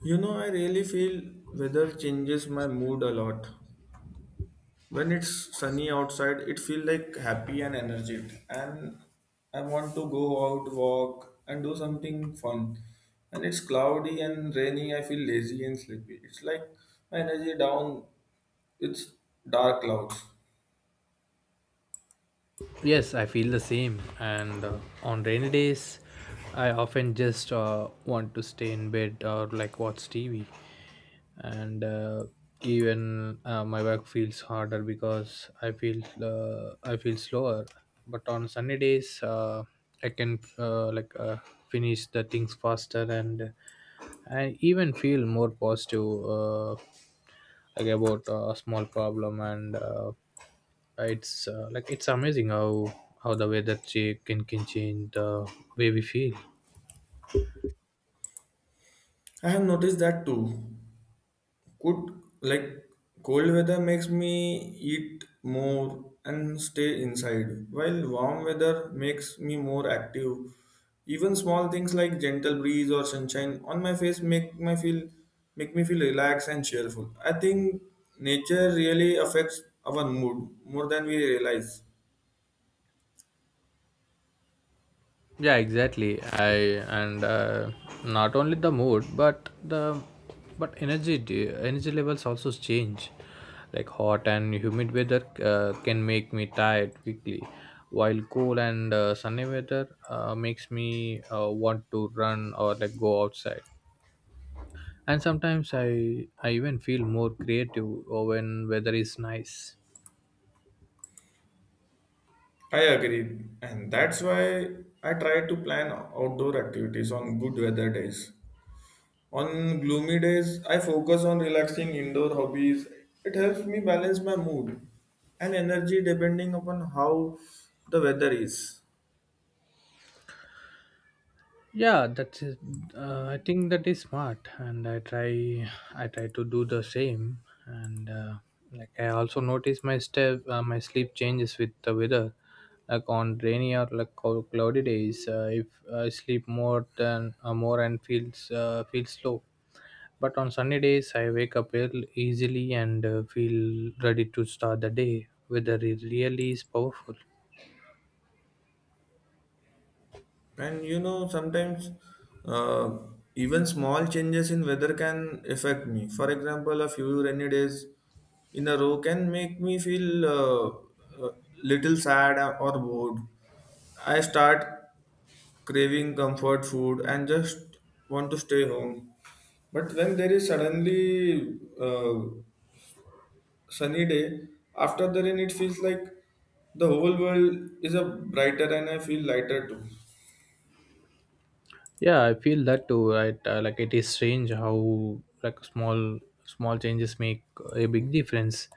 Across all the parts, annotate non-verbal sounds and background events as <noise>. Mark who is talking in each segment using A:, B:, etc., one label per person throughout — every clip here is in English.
A: You know, I really feel weather changes my mood a lot. When it's sunny outside, it feels like happy and energetic, and I want to go out, walk, and do something fun. And it's cloudy and rainy, I feel lazy and sleepy. It's like my energy down, it's dark clouds.
B: Yes, I feel the same. And On rainy days, I often just want to stay in bed or like watch TV. And even my work feels harder because I feel slower. But on sunny days, I can finish the things faster and I even feel more positive. Like about a small problem and it's like it's amazing how the way that she can change the way we feel.
A: I have noticed that too. Could like cold weather makes me eat more and stay inside, while warm weather makes me more active. Even small things like gentle breeze or sunshine on my face make me feel relaxed and cheerful. I think nature really affects our mood more than we realize.
B: Yeah, exactly. I and Not only the mood but the but energy levels also change, like hot and humid weather can make me tired quickly, while cool and sunny weather makes me want to run or like go outside. And sometimes I even feel more creative or when weather is nice.
A: I agree, and that's why I try to plan outdoor activities on good weather days. On gloomy days, I focus on relaxing indoor hobbies. It helps me balance my mood and energy depending upon how the weather is.
B: Yeah, that's it. I think that is smart and I try to do the same. And Like I also notice my sleep changes with the weather, like on rainy or like cloudy days, if I sleep more and feels slow. But on sunny days I wake up early, easily, and feel ready to start the day. Weather is really is powerful.
A: And you know, sometimes uh, even small changes in weather can affect me. For example, a few rainy days in a row can make me feel little sad or bored. I start craving comfort food and just want to stay home. But when there is suddenly sunny day after the rain, it feels like the whole world is a brighter and I feel lighter too.
B: Yeah, I feel that too. Right. Like it is strange how like small small changes make a big difference.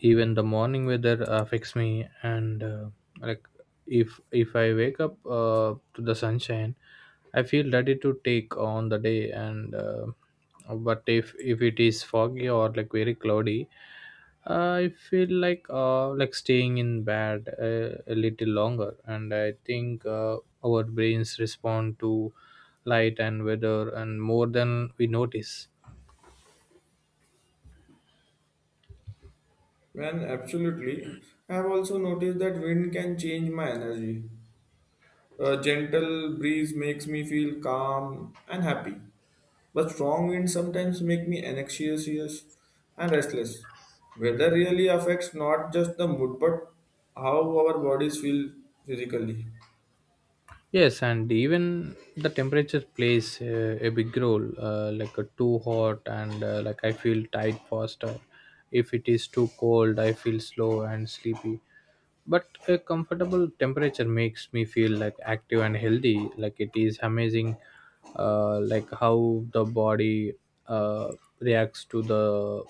B: Even the morning weather affects me, and like if I wake up to the sunshine, I feel ready to take on the day. And but if it is foggy or like very cloudy, I feel like staying in bed a little longer, and I think our brains respond to light and weather and more than we notice.
A: Man, absolutely. I have also noticed that wind can change my energy. A gentle breeze makes me feel calm and happy, but strong winds sometimes make me anxious and restless. Weather really affects not just the mood but how our bodies feel physically.
B: Yes, and even the temperature plays a big role. Too hot, and like I feel tired faster. If it is too cold, I feel slow and sleepy. But a comfortable temperature makes me feel like active and healthy. Like it is amazing, like how the body uh, reacts to the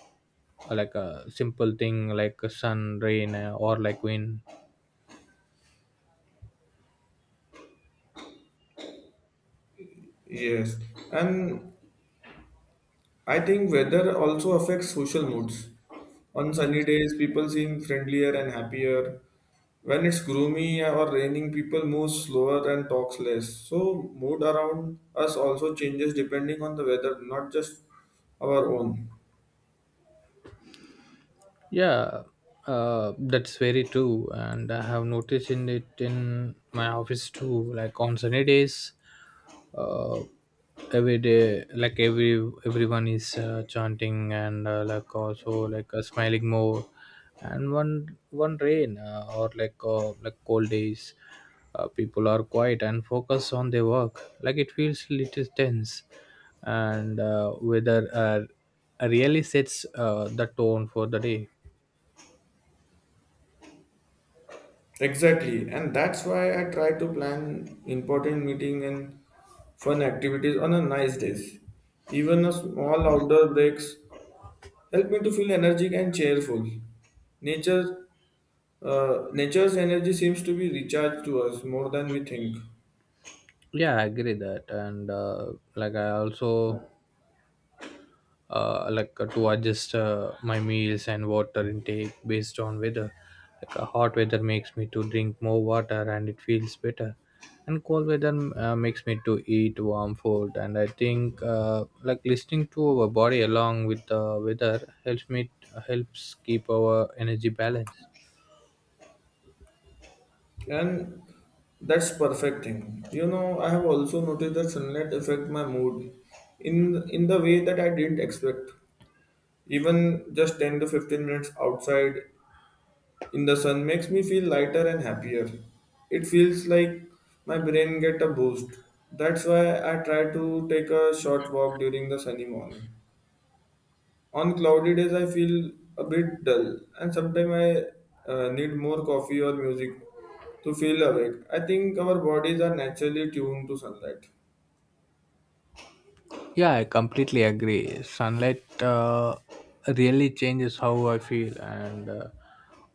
B: like a simple thing like sun, rain, or like wind.
A: Yes, and I think weather also affects social moods. On sunny days, people seem friendlier and happier. When it's gloomy or raining, people move slower and talks less. So, mood around us also changes depending on the weather, not just our own.
B: Yeah, that's very true, and I have noticed in it in my office too. Like on sunny days, uh, every day, like everyone is chanting and like also like smiling more. And one rain or like cold days, people are quiet and focus on their work. Like it feels little tense, and whether really sets the tone for the day.
A: Exactly, and that's why I try to plan important meeting and fun activities on a nice days. Even a small outdoor breaks help me to feel energetic and cheerful. Nature, nature's energy seems to be recharged to us more than we think,
B: Yeah, I agree that. And Like I also like to adjust my meals and water intake based on weather. Like hot weather makes me to drink more water and it feels better. And cold weather makes me to eat warm food, and I think like listening to our body along with the weather helps keep our energy balanced.
A: and that's perfect thing. You know, I have also noticed that sunlight affect my mood in the way that I didn't expect. Even just 10 to 15 minutes outside in the sun makes me feel lighter and happier. It feels like my brain get a boost. That's why I try to take a short walk during the sunny morning. On cloudy days, I feel a bit dull, and sometimes I need more coffee or music to feel awake. I think our bodies are naturally tuned to sunlight.
B: Yeah, I completely agree. Sunlight really changes how I feel, and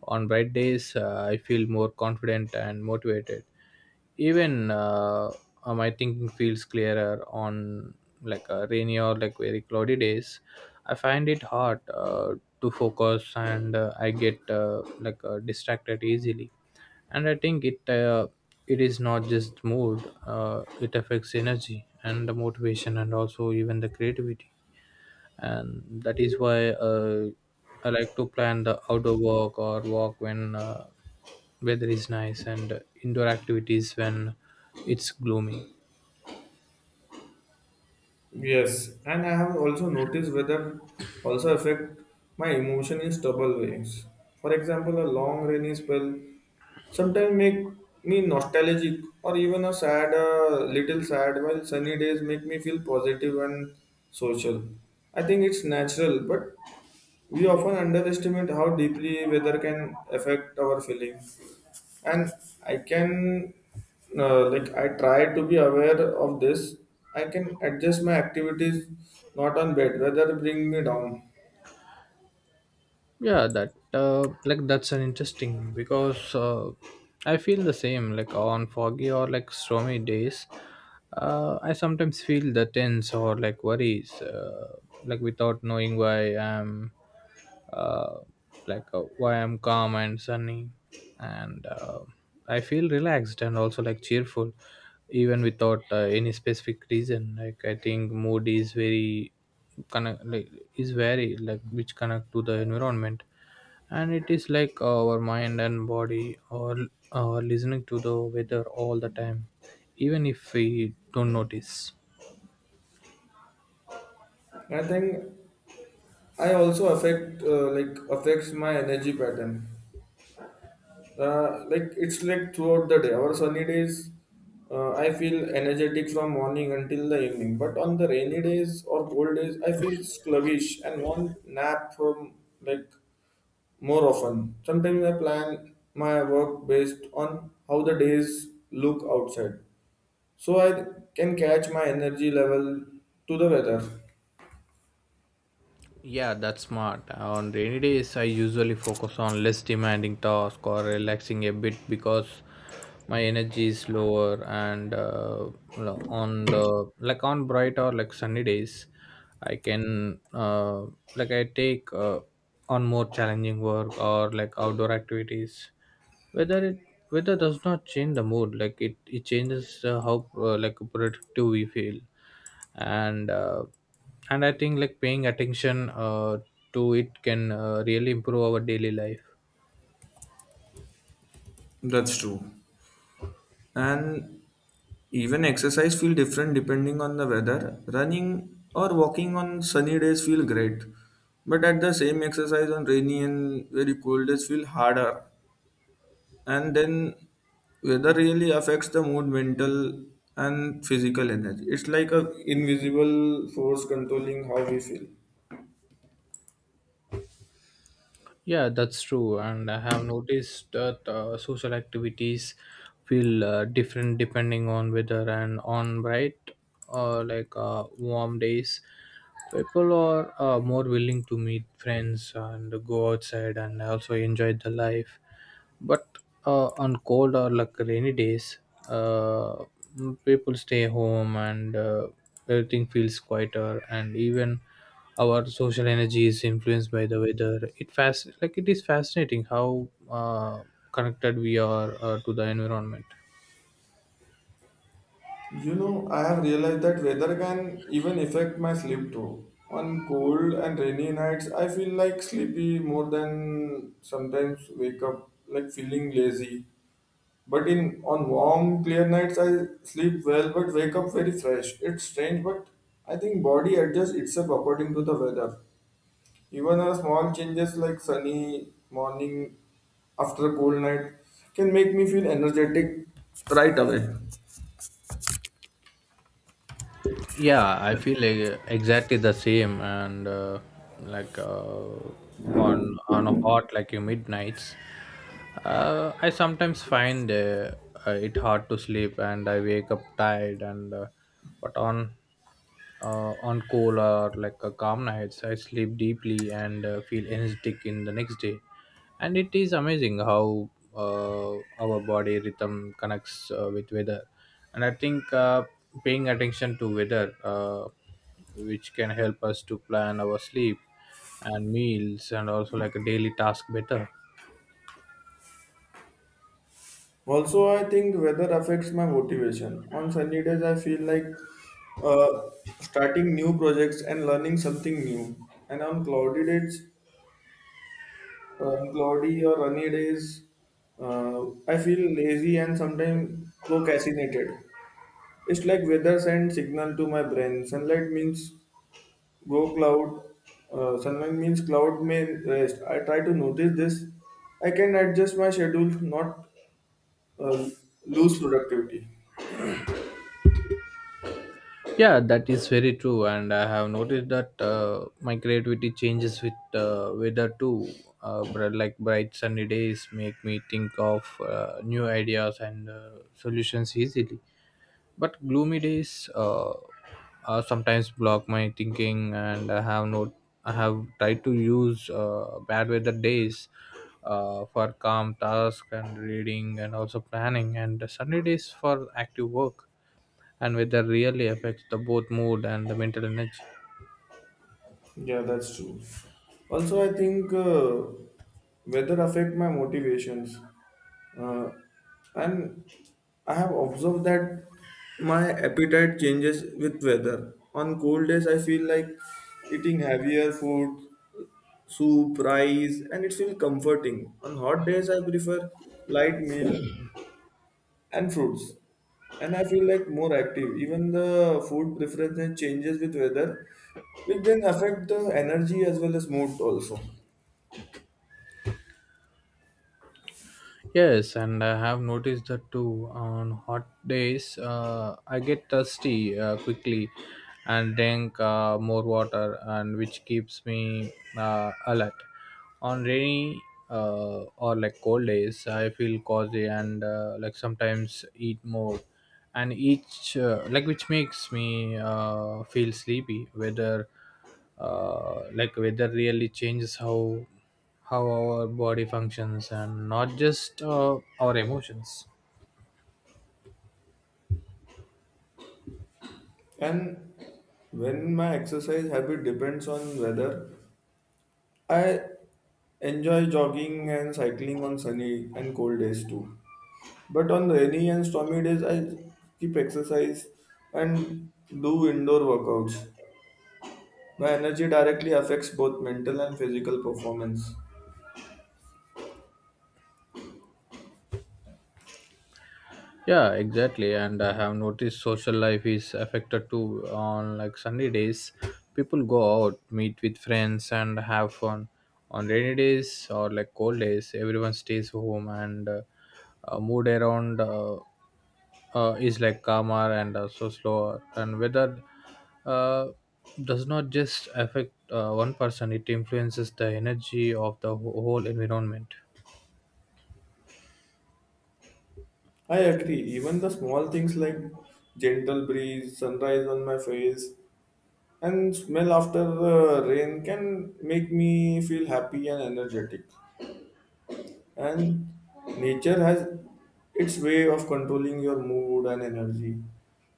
B: on bright days, I feel more confident and motivated. Even my thinking feels clearer on like rainy or like very cloudy days. I find it hard to focus, and I get distracted easily. And I think it is not just mood. It affects energy and the motivation and also even the creativity. And that is why uh, I like to plan the outdoor walk or walk when weather is nice, and indoor activities when it's gloomy.
A: Yes, and I have also noticed weather also affect my emotion in stubborn ways. For example, a long rainy spell sometimes make me nostalgic or even a sad, little sad, while sunny days make me feel positive and social. I think it's natural, but we often underestimate how deeply weather can affect our feelings and I can like I try to be aware of this. I can adjust my activities, not on bed whether bring me down.
B: Yeah, that like that's an interesting, because I feel the same. Like on foggy or like stormy days, I sometimes feel the tense or like worries, like without knowing why I'm uh, like why I'm calm and sunny, and I feel relaxed and also like cheerful, even without any specific reason. Like I think mood is very connect like is very like which connect to the environment. And it is like our mind and body or listening to the weather all the time, even if we don't notice.
A: I think I also affect like affects my energy pattern. Like it's like throughout the day our sunny days, I feel energetic from morning until the evening, but on the rainy days or cold days I feel sluggish and want nap from like more often. Sometimes I plan my work based on how the days look outside, so I can catch my energy level to the weather.
B: Yeah, that's smart. On rainy days, I usually focus on less demanding tasks or relaxing a bit, because my energy is lower. On the like on bright or like sunny days, I can like I take on more challenging work or like outdoor activities. Weather it Weather does not change the mood. Like it changes how like productive we feel, and and I think like paying attention to it can really improve our daily life.
A: That's true. And even exercise feel different depending on the weather. Running or walking on sunny days feel great, but at the same exercise on rainy and very cold days feel harder. And then weather really affects the mood mental and physical energy. It's like a invisible force controlling how we feel.
B: Yeah, that's true. And I have noticed that social activities feel different depending on weather. And on bright or like warm days, people are more willing to meet friends and go outside and also enjoy the life. But on cold or like rainy days, uh, people stay home, and everything feels quieter. And even our social energy is influenced by the weather. It fast like it is fascinating how uh, connected we are to the environment.
A: You know, I have realized that weather can even affect my sleep too. On cold and rainy nights I feel like sleepy more than sometimes wake up like feeling lazy, but in on warm clear nights I sleep well but wake up very fresh. It's strange, but I think body adjusts itself according to the weather. Even a small changes like sunny morning after a cold night can make me feel energetic right away.
B: Yeah, I feel like exactly the same. And like On a hot like you midnights, I sometimes find it hard to sleep and I wake up tired. And uh, but on uh, on cool or like a calm nights I sleep deeply and feel energetic in the next day. And it is amazing how uh, our body rhythm connects with weather. And I think paying attention to weather which can help us to plan our sleep and meals, and also like a daily task better.
A: Also, I think weather affects my motivation. On sunny days, I feel like uh, starting new projects and learning something new. And on cloudy days, on cloudy or rainy days, I feel lazy and sometimes procrastinated. It's like weather sends signal to my brain. Sunlight means go cloud. Sunlight means cloud may rest. I try to notice this. I can adjust my schedule, not uh, lose productivity.
B: Yeah, that is very true, and I have noticed that my creativity changes with weather too. But like bright sunny days make me think of new ideas and solutions easily. But gloomy days sometimes block my thinking. And I have not I have tried to use bad weather days for calm task and reading and also planning, and sunday days for active work. And weather really affects the both mood and the mental energy.
A: Yeah, that's true. Also, I think weather affect my motivations, uh, and I have observed that my appetite changes with weather. On cold days, I feel like eating heavier food, soup, rice, and it feels comforting. On hot days, I prefer light meal and fruits. And I feel like more active. Even the food preference changes with weather, which then affect the energy as well as mood also.
B: Yes, and I have noticed that too. On hot days, I get thirsty quickly and drink more water, and which keeps me alert. On rainy or like cold days, I feel cozy and like sometimes eat more and each like which makes me feel sleepy. Whether like Weather really changes how our body functions and not just our emotions.
A: And when my exercise habit depends on weather, I enjoy jogging and cycling on sunny and cold days too. But on rainy and stormy days, I keep exercise and do indoor workouts. My energy directly affects both mental and physical performance.
B: Yeah, exactly. And I have noticed social life is affected too. On like sunday days people go out, meet with friends and have fun. On rainy days or like cold days everyone stays home, and moved around is like calmer and also slower. And weather uh, does not just affect one person, it influences the energy of the whole environment.
A: I agree. Even the small things like gentle breeze, sunrise on my face, and smell after rain can make me feel happy and energetic. And nature has its way of controlling your mood and energy.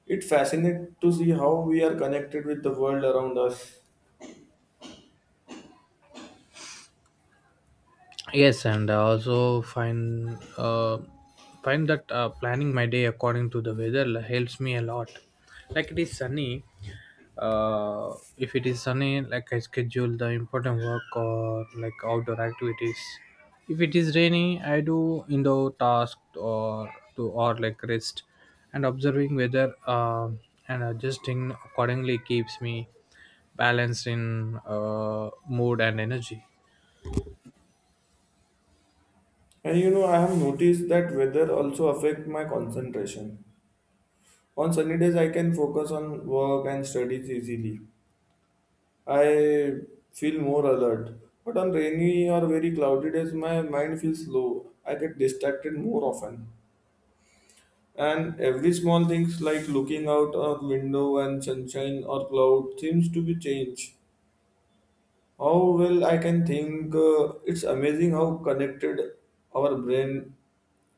A: It fascinates to see how we are connected with the world around us.
B: Yes, and I also find that planning my day according to the weather helps me a lot. Like it is sunny, if it is sunny, like I schedule the important work or like outdoor activities. If it is rainy, I do indoor tasks or to or like rest. And observing weather and adjusting accordingly keeps me balanced in mood and energy.
A: And you know, I have noticed that weather also affect my concentration. On sunny days, I can focus on work and studies easily. I feel more alert, but on rainy or very cloudy days, my mind feels slow. I get distracted more often. And every small things like looking out a window and sunshine or cloud seems to be changed. How well I can think, it's amazing how connected our brain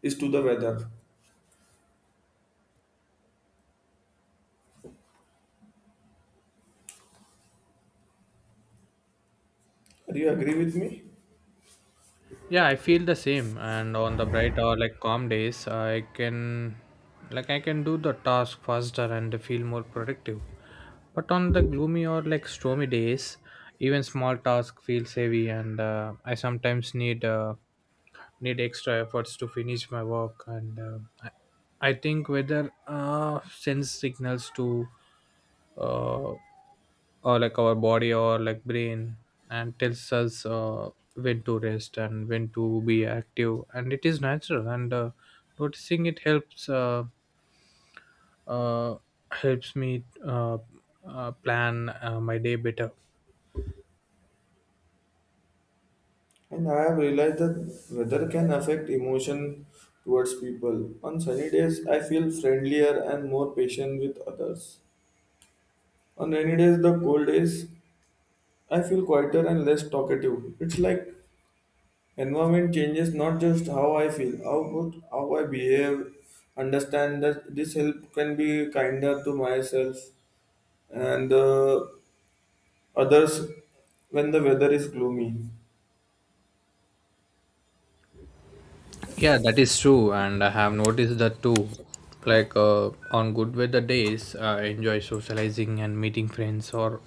A: is to the weather. Do you agree with me?
B: Yeah, I feel the same. And on the bright or like calm days I can do the task faster and feel more productive. But on the gloomy or like stormy days, even small task feels heavy, and I sometimes need extra efforts to finish my work. And I think whether sends signals to uh, or like our body or like brain, and tells us when to rest and when to be active. And it is natural, and noticing it uh, helps me plan my day better.
A: And I have realized that weather can affect emotion towards people. On sunny days, I feel friendlier and more patient with others. On rainy days, the cold days, I feel quieter and less talkative. It's like environment changes not just how I feel, how but how I behave. Understand that this help can be kinder to myself and others when the weather is gloomy.
B: Yeah, that is true, and I have noticed that too. Like on good weather days, I enjoy socializing and meeting friends or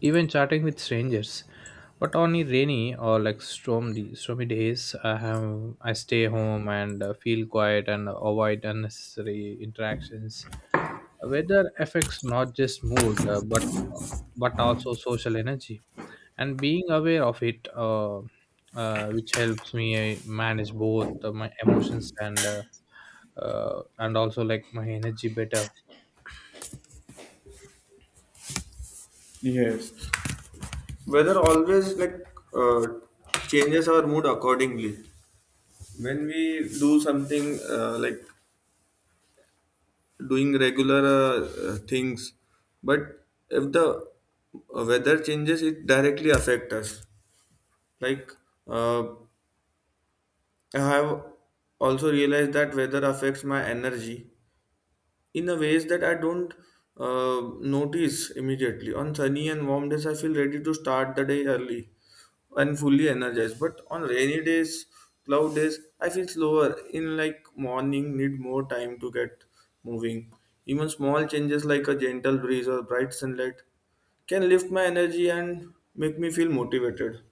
B: even chatting with strangers. But on a rainy or like stormy days, I stay home and feel quiet and avoid unnecessary interactions. Weather affects not just mood, but also social energy and being aware of it, which helps me manage both my emotions and also like my energy better.
A: Weather always like uh, Changes our mood accordingly. When we do something like doing regular things, but if the weather changes, it directly affect us. Like uh, I have also realized that weather affects my energy in a ways that I don't notice immediately. On sunny and warm days, I feel ready to start the day early and fully energized. But on rainy days, cloud days, I feel slower. In like morning, need more time to get moving. Even small changes like a gentle breeze or bright sunlight can lift my energy and make me feel motivated.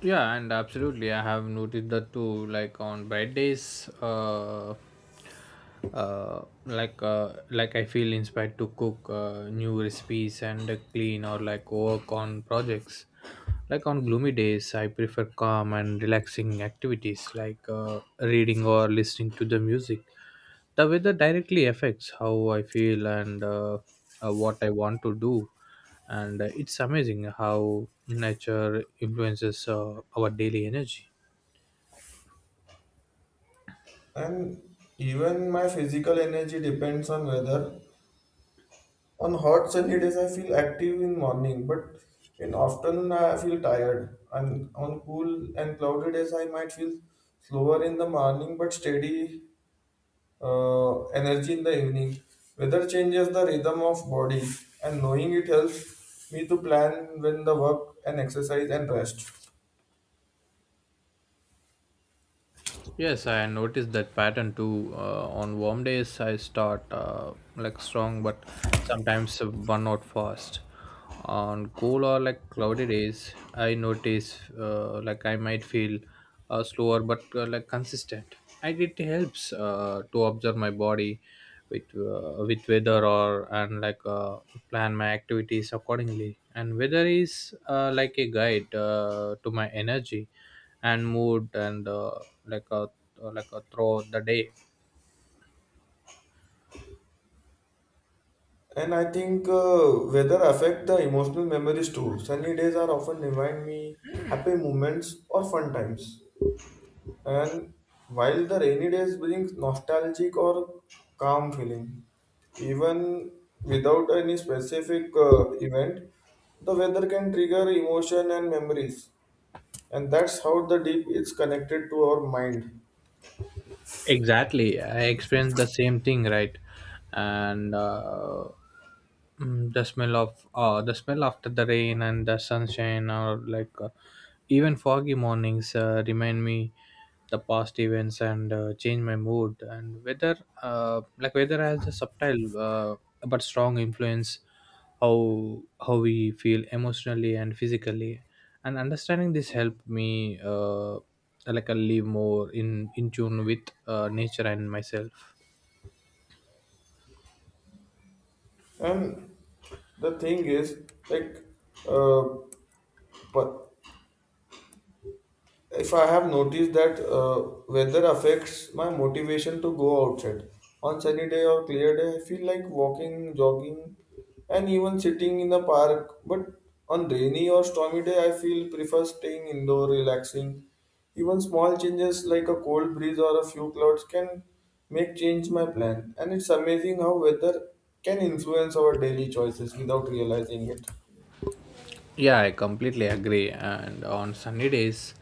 B: Yeah, and absolutely, I have noticed that too. Like on bright days, I feel inspired to cook new recipes and clean or like work on projects. Like on gloomy days, I prefer calm and relaxing activities like reading or listening to the music. The weather directly affects how I feel and what I want to do, and it's amazing how nature influences our daily energy.
A: And even my physical energy depends on weather. On hot sunny days, I feel active in morning, but in afternoon I feel tired. And on cool and cloudy days, I might feel slower in the morning, but steady energy in the evening. Weather changes the rhythm of body, and knowing it helps me to plan when the work and exercise and rest.
B: Yes, I noticed that pattern too. On warm days, I start like strong, but sometimes burn out fast. On cool or like cloudy days, I notice like I might feel slower, but like consistent. And it helps to observe my body with weather or and plan my activities accordingly. And weather is like a guide to my energy and mood and like uh, like throughout the day.
A: And I think weather affect the emotional memories too. Sunny days are often remind me happy moments or fun times. And while the rainy days brings nostalgic or calm feeling, even without any specific event, the weather can trigger emotion and memories. And that's how the deep is connected to our mind.
B: Exactly, I experienced the same thing, right? and uh, the smell of the smell after the rain and the sunshine, or even foggy mornings remind me the past events and change my mood. And weather has a subtle but strong influence how we feel emotionally and physically, and understanding this helped me like I live more in tune with nature and myself.
A: And the thing is, like, uh, but if I have noticed that weather affects my motivation to go outside. On sunny day or clear day, I feel like walking, jogging, and even sitting in the park. But on rainy or stormy day, I feel prefer staying indoor, relaxing. Even small changes like a cold breeze or a few clouds can make change my plan. And it's amazing how weather can influence our daily choices without realizing it.
B: Yeah, I completely agree. And on sunny days,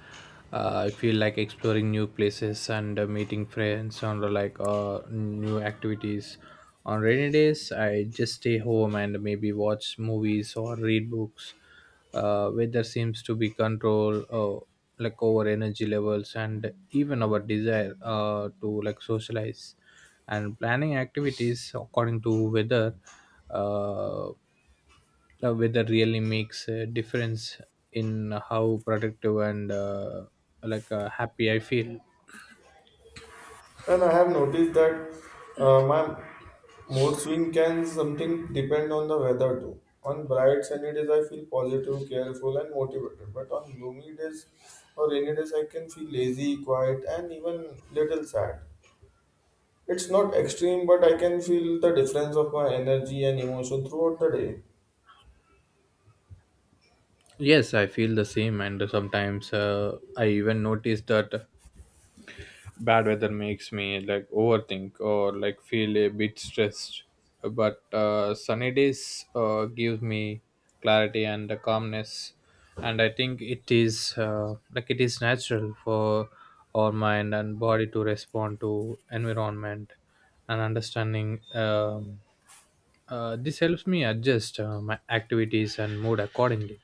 B: I feel like exploring new places and meeting friends on the, new activities. On rainy days, I just stay home and maybe watch movies or read books. Weather seems to be control like over energy levels and even our desire to like socialize and planning activities according to weather. Uh, Weather really makes a difference in how productive and happy I feel.
A: And I have noticed that my mood swing can something depend on the weather too. On bright sunny days, I feel positive, careful, and motivated. But on gloomy days or rainy days, I can feel lazy, quiet, and even little sad. It's not extreme, but I can feel the difference of my energy and emotion throughout the day.
B: Yes, I feel the same, and sometimes I even notice that bad weather makes me like overthink or like feel a bit stressed. But sunny days gives me clarity and the calmness, and I think it is it is natural for our mind and body to respond to environment. And understanding this helps me adjust my activities and mood accordingly.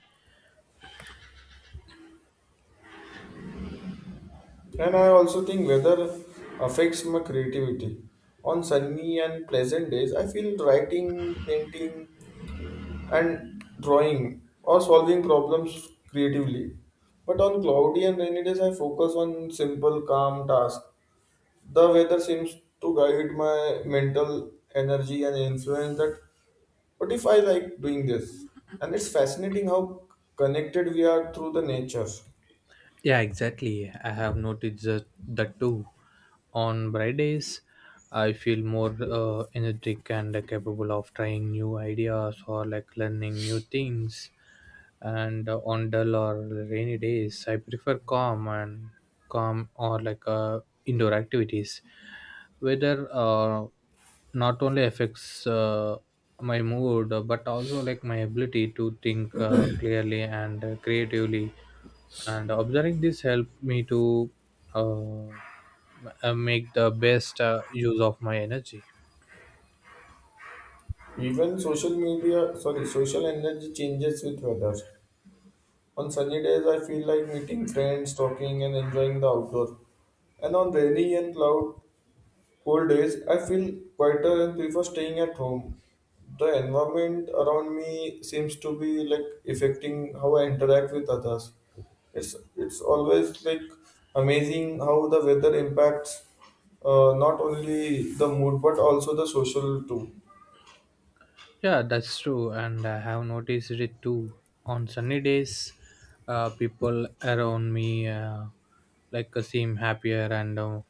A: And I also think weather affects my creativity. On sunny and pleasant days, I feel writing, painting, and drawing or solving problems creatively. But on cloudy and rainy days, I focus on simple, calm tasks. The weather seems to guide my mental energy and influence that what if I like doing this? And it's fascinating how connected we are through the nature.
B: Yeah, exactly. I have noticed that too. On bright days, I feel more energetic and capable of trying new ideas or like learning new things. And on dull or rainy days, I prefer calm or indoor activities. Weather not only affects my mood but also like my ability to think <clears throat> clearly and creatively, and observing this helped me to uh, make the best use of my energy.
A: Even social media, sorry, social energy changes with weather. On sunny days, I feel like meeting friends, talking, and enjoying the outdoor. And on rainy and cloud cold days, I feel quieter and prefer staying at home. The environment around me seems to be like affecting how I interact with others. It's always like amazing how the weather impacts not only the mood but also the social too.
B: Yeah, that's true, and I have noticed it too. On sunny days, people around me seem happier and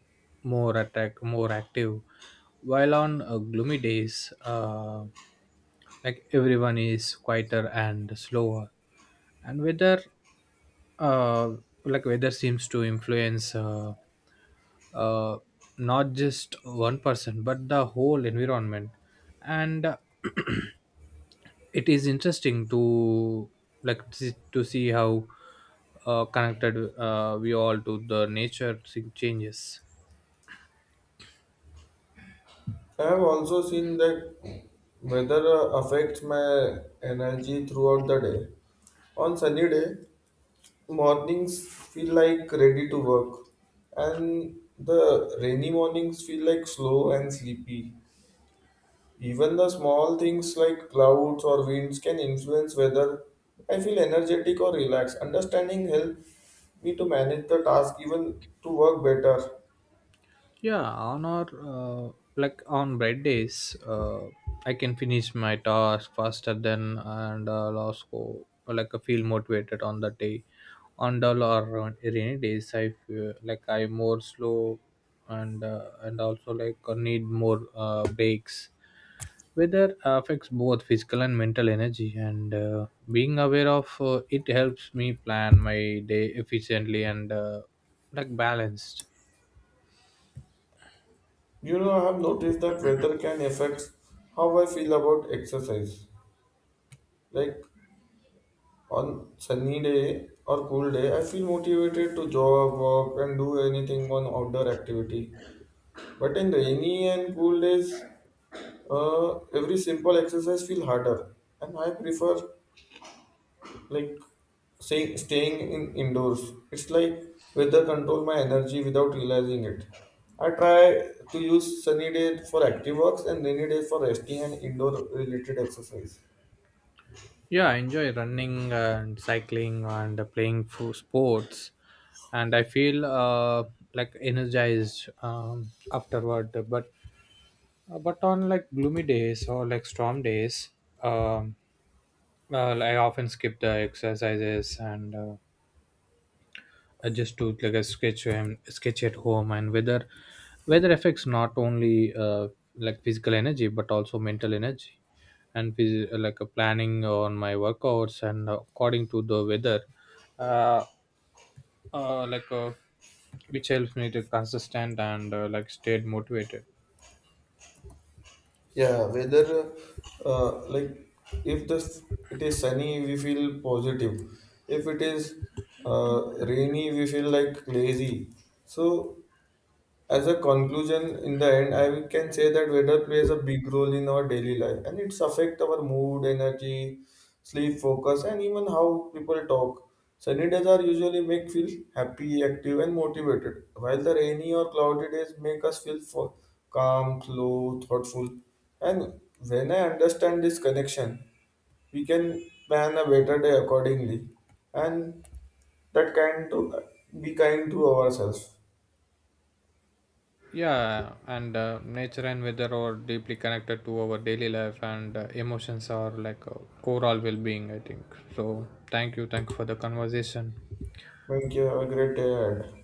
B: more active, while on gloomy days, like everyone is quieter and slower. And uh, weather seems to influence uh, not just one person but the whole environment. And <clears throat> it is interesting to see how connected we all to the nature thing changes.
A: I have also seen that weather affects my energy throughout the day. On sunny day, mornings feel like ready to work and the rainy mornings feel like slow and sleepy. Even the small things like clouds or winds can influence whether I feel energetic or relaxed. Understanding helps me to manage the task even to work better.
B: Yeah, on our like on bad days, I can finish my task faster than, and also like I feel motivated on that day. On dull or on rainy days, I feel like I more slow, and and also like I need more breaks. Weather affects both physical and mental energy, and being aware of it helps me plan my day efficiently and like balanced.
A: You know, I have noticed that weather can affect how I feel about exercise, like on sunny day or cool day, I feel motivated to jog, walk, and do anything on outdoor activity. But in rainy and cool days, every simple exercise feel harder, and I prefer like staying in indoors. It's like weather control my energy without realizing it. I try to use sunny day for active works and rainy day for resting and indoor related exercise.
B: Yeah, I enjoy running and cycling and playing for sports, and I feel like energized afterward. But on like gloomy days or like storm days, um, well, I often skip the exercises and I just took like a sketch and sketch at home. And weather affects not only like physical energy but also mental energy, and a planning on my workouts and according to the weather uh, uh, like uh, which helps me to consistent and like stayed motivated.
A: Yeah, weather, like if the it is sunny, we feel positive. If it is rainy, we feel like lazy. So as a conclusion in the end I can say that weather plays a big role in our daily life and it's affect our mood energy sleep focus and even how people talk. Sunny days are usually make feel happy active and motivated, while the rainy or cloudy days make us feel calm slow thoughtful. And when I understand this connection we can plan a better day accordingly, and that kind to be kind to ourselves.
B: Yeah, and nature and weather are deeply connected to our daily life and emotions are like overall well-being, I think. So thank you for the conversation.
A: Thank you. Have a great day ahead.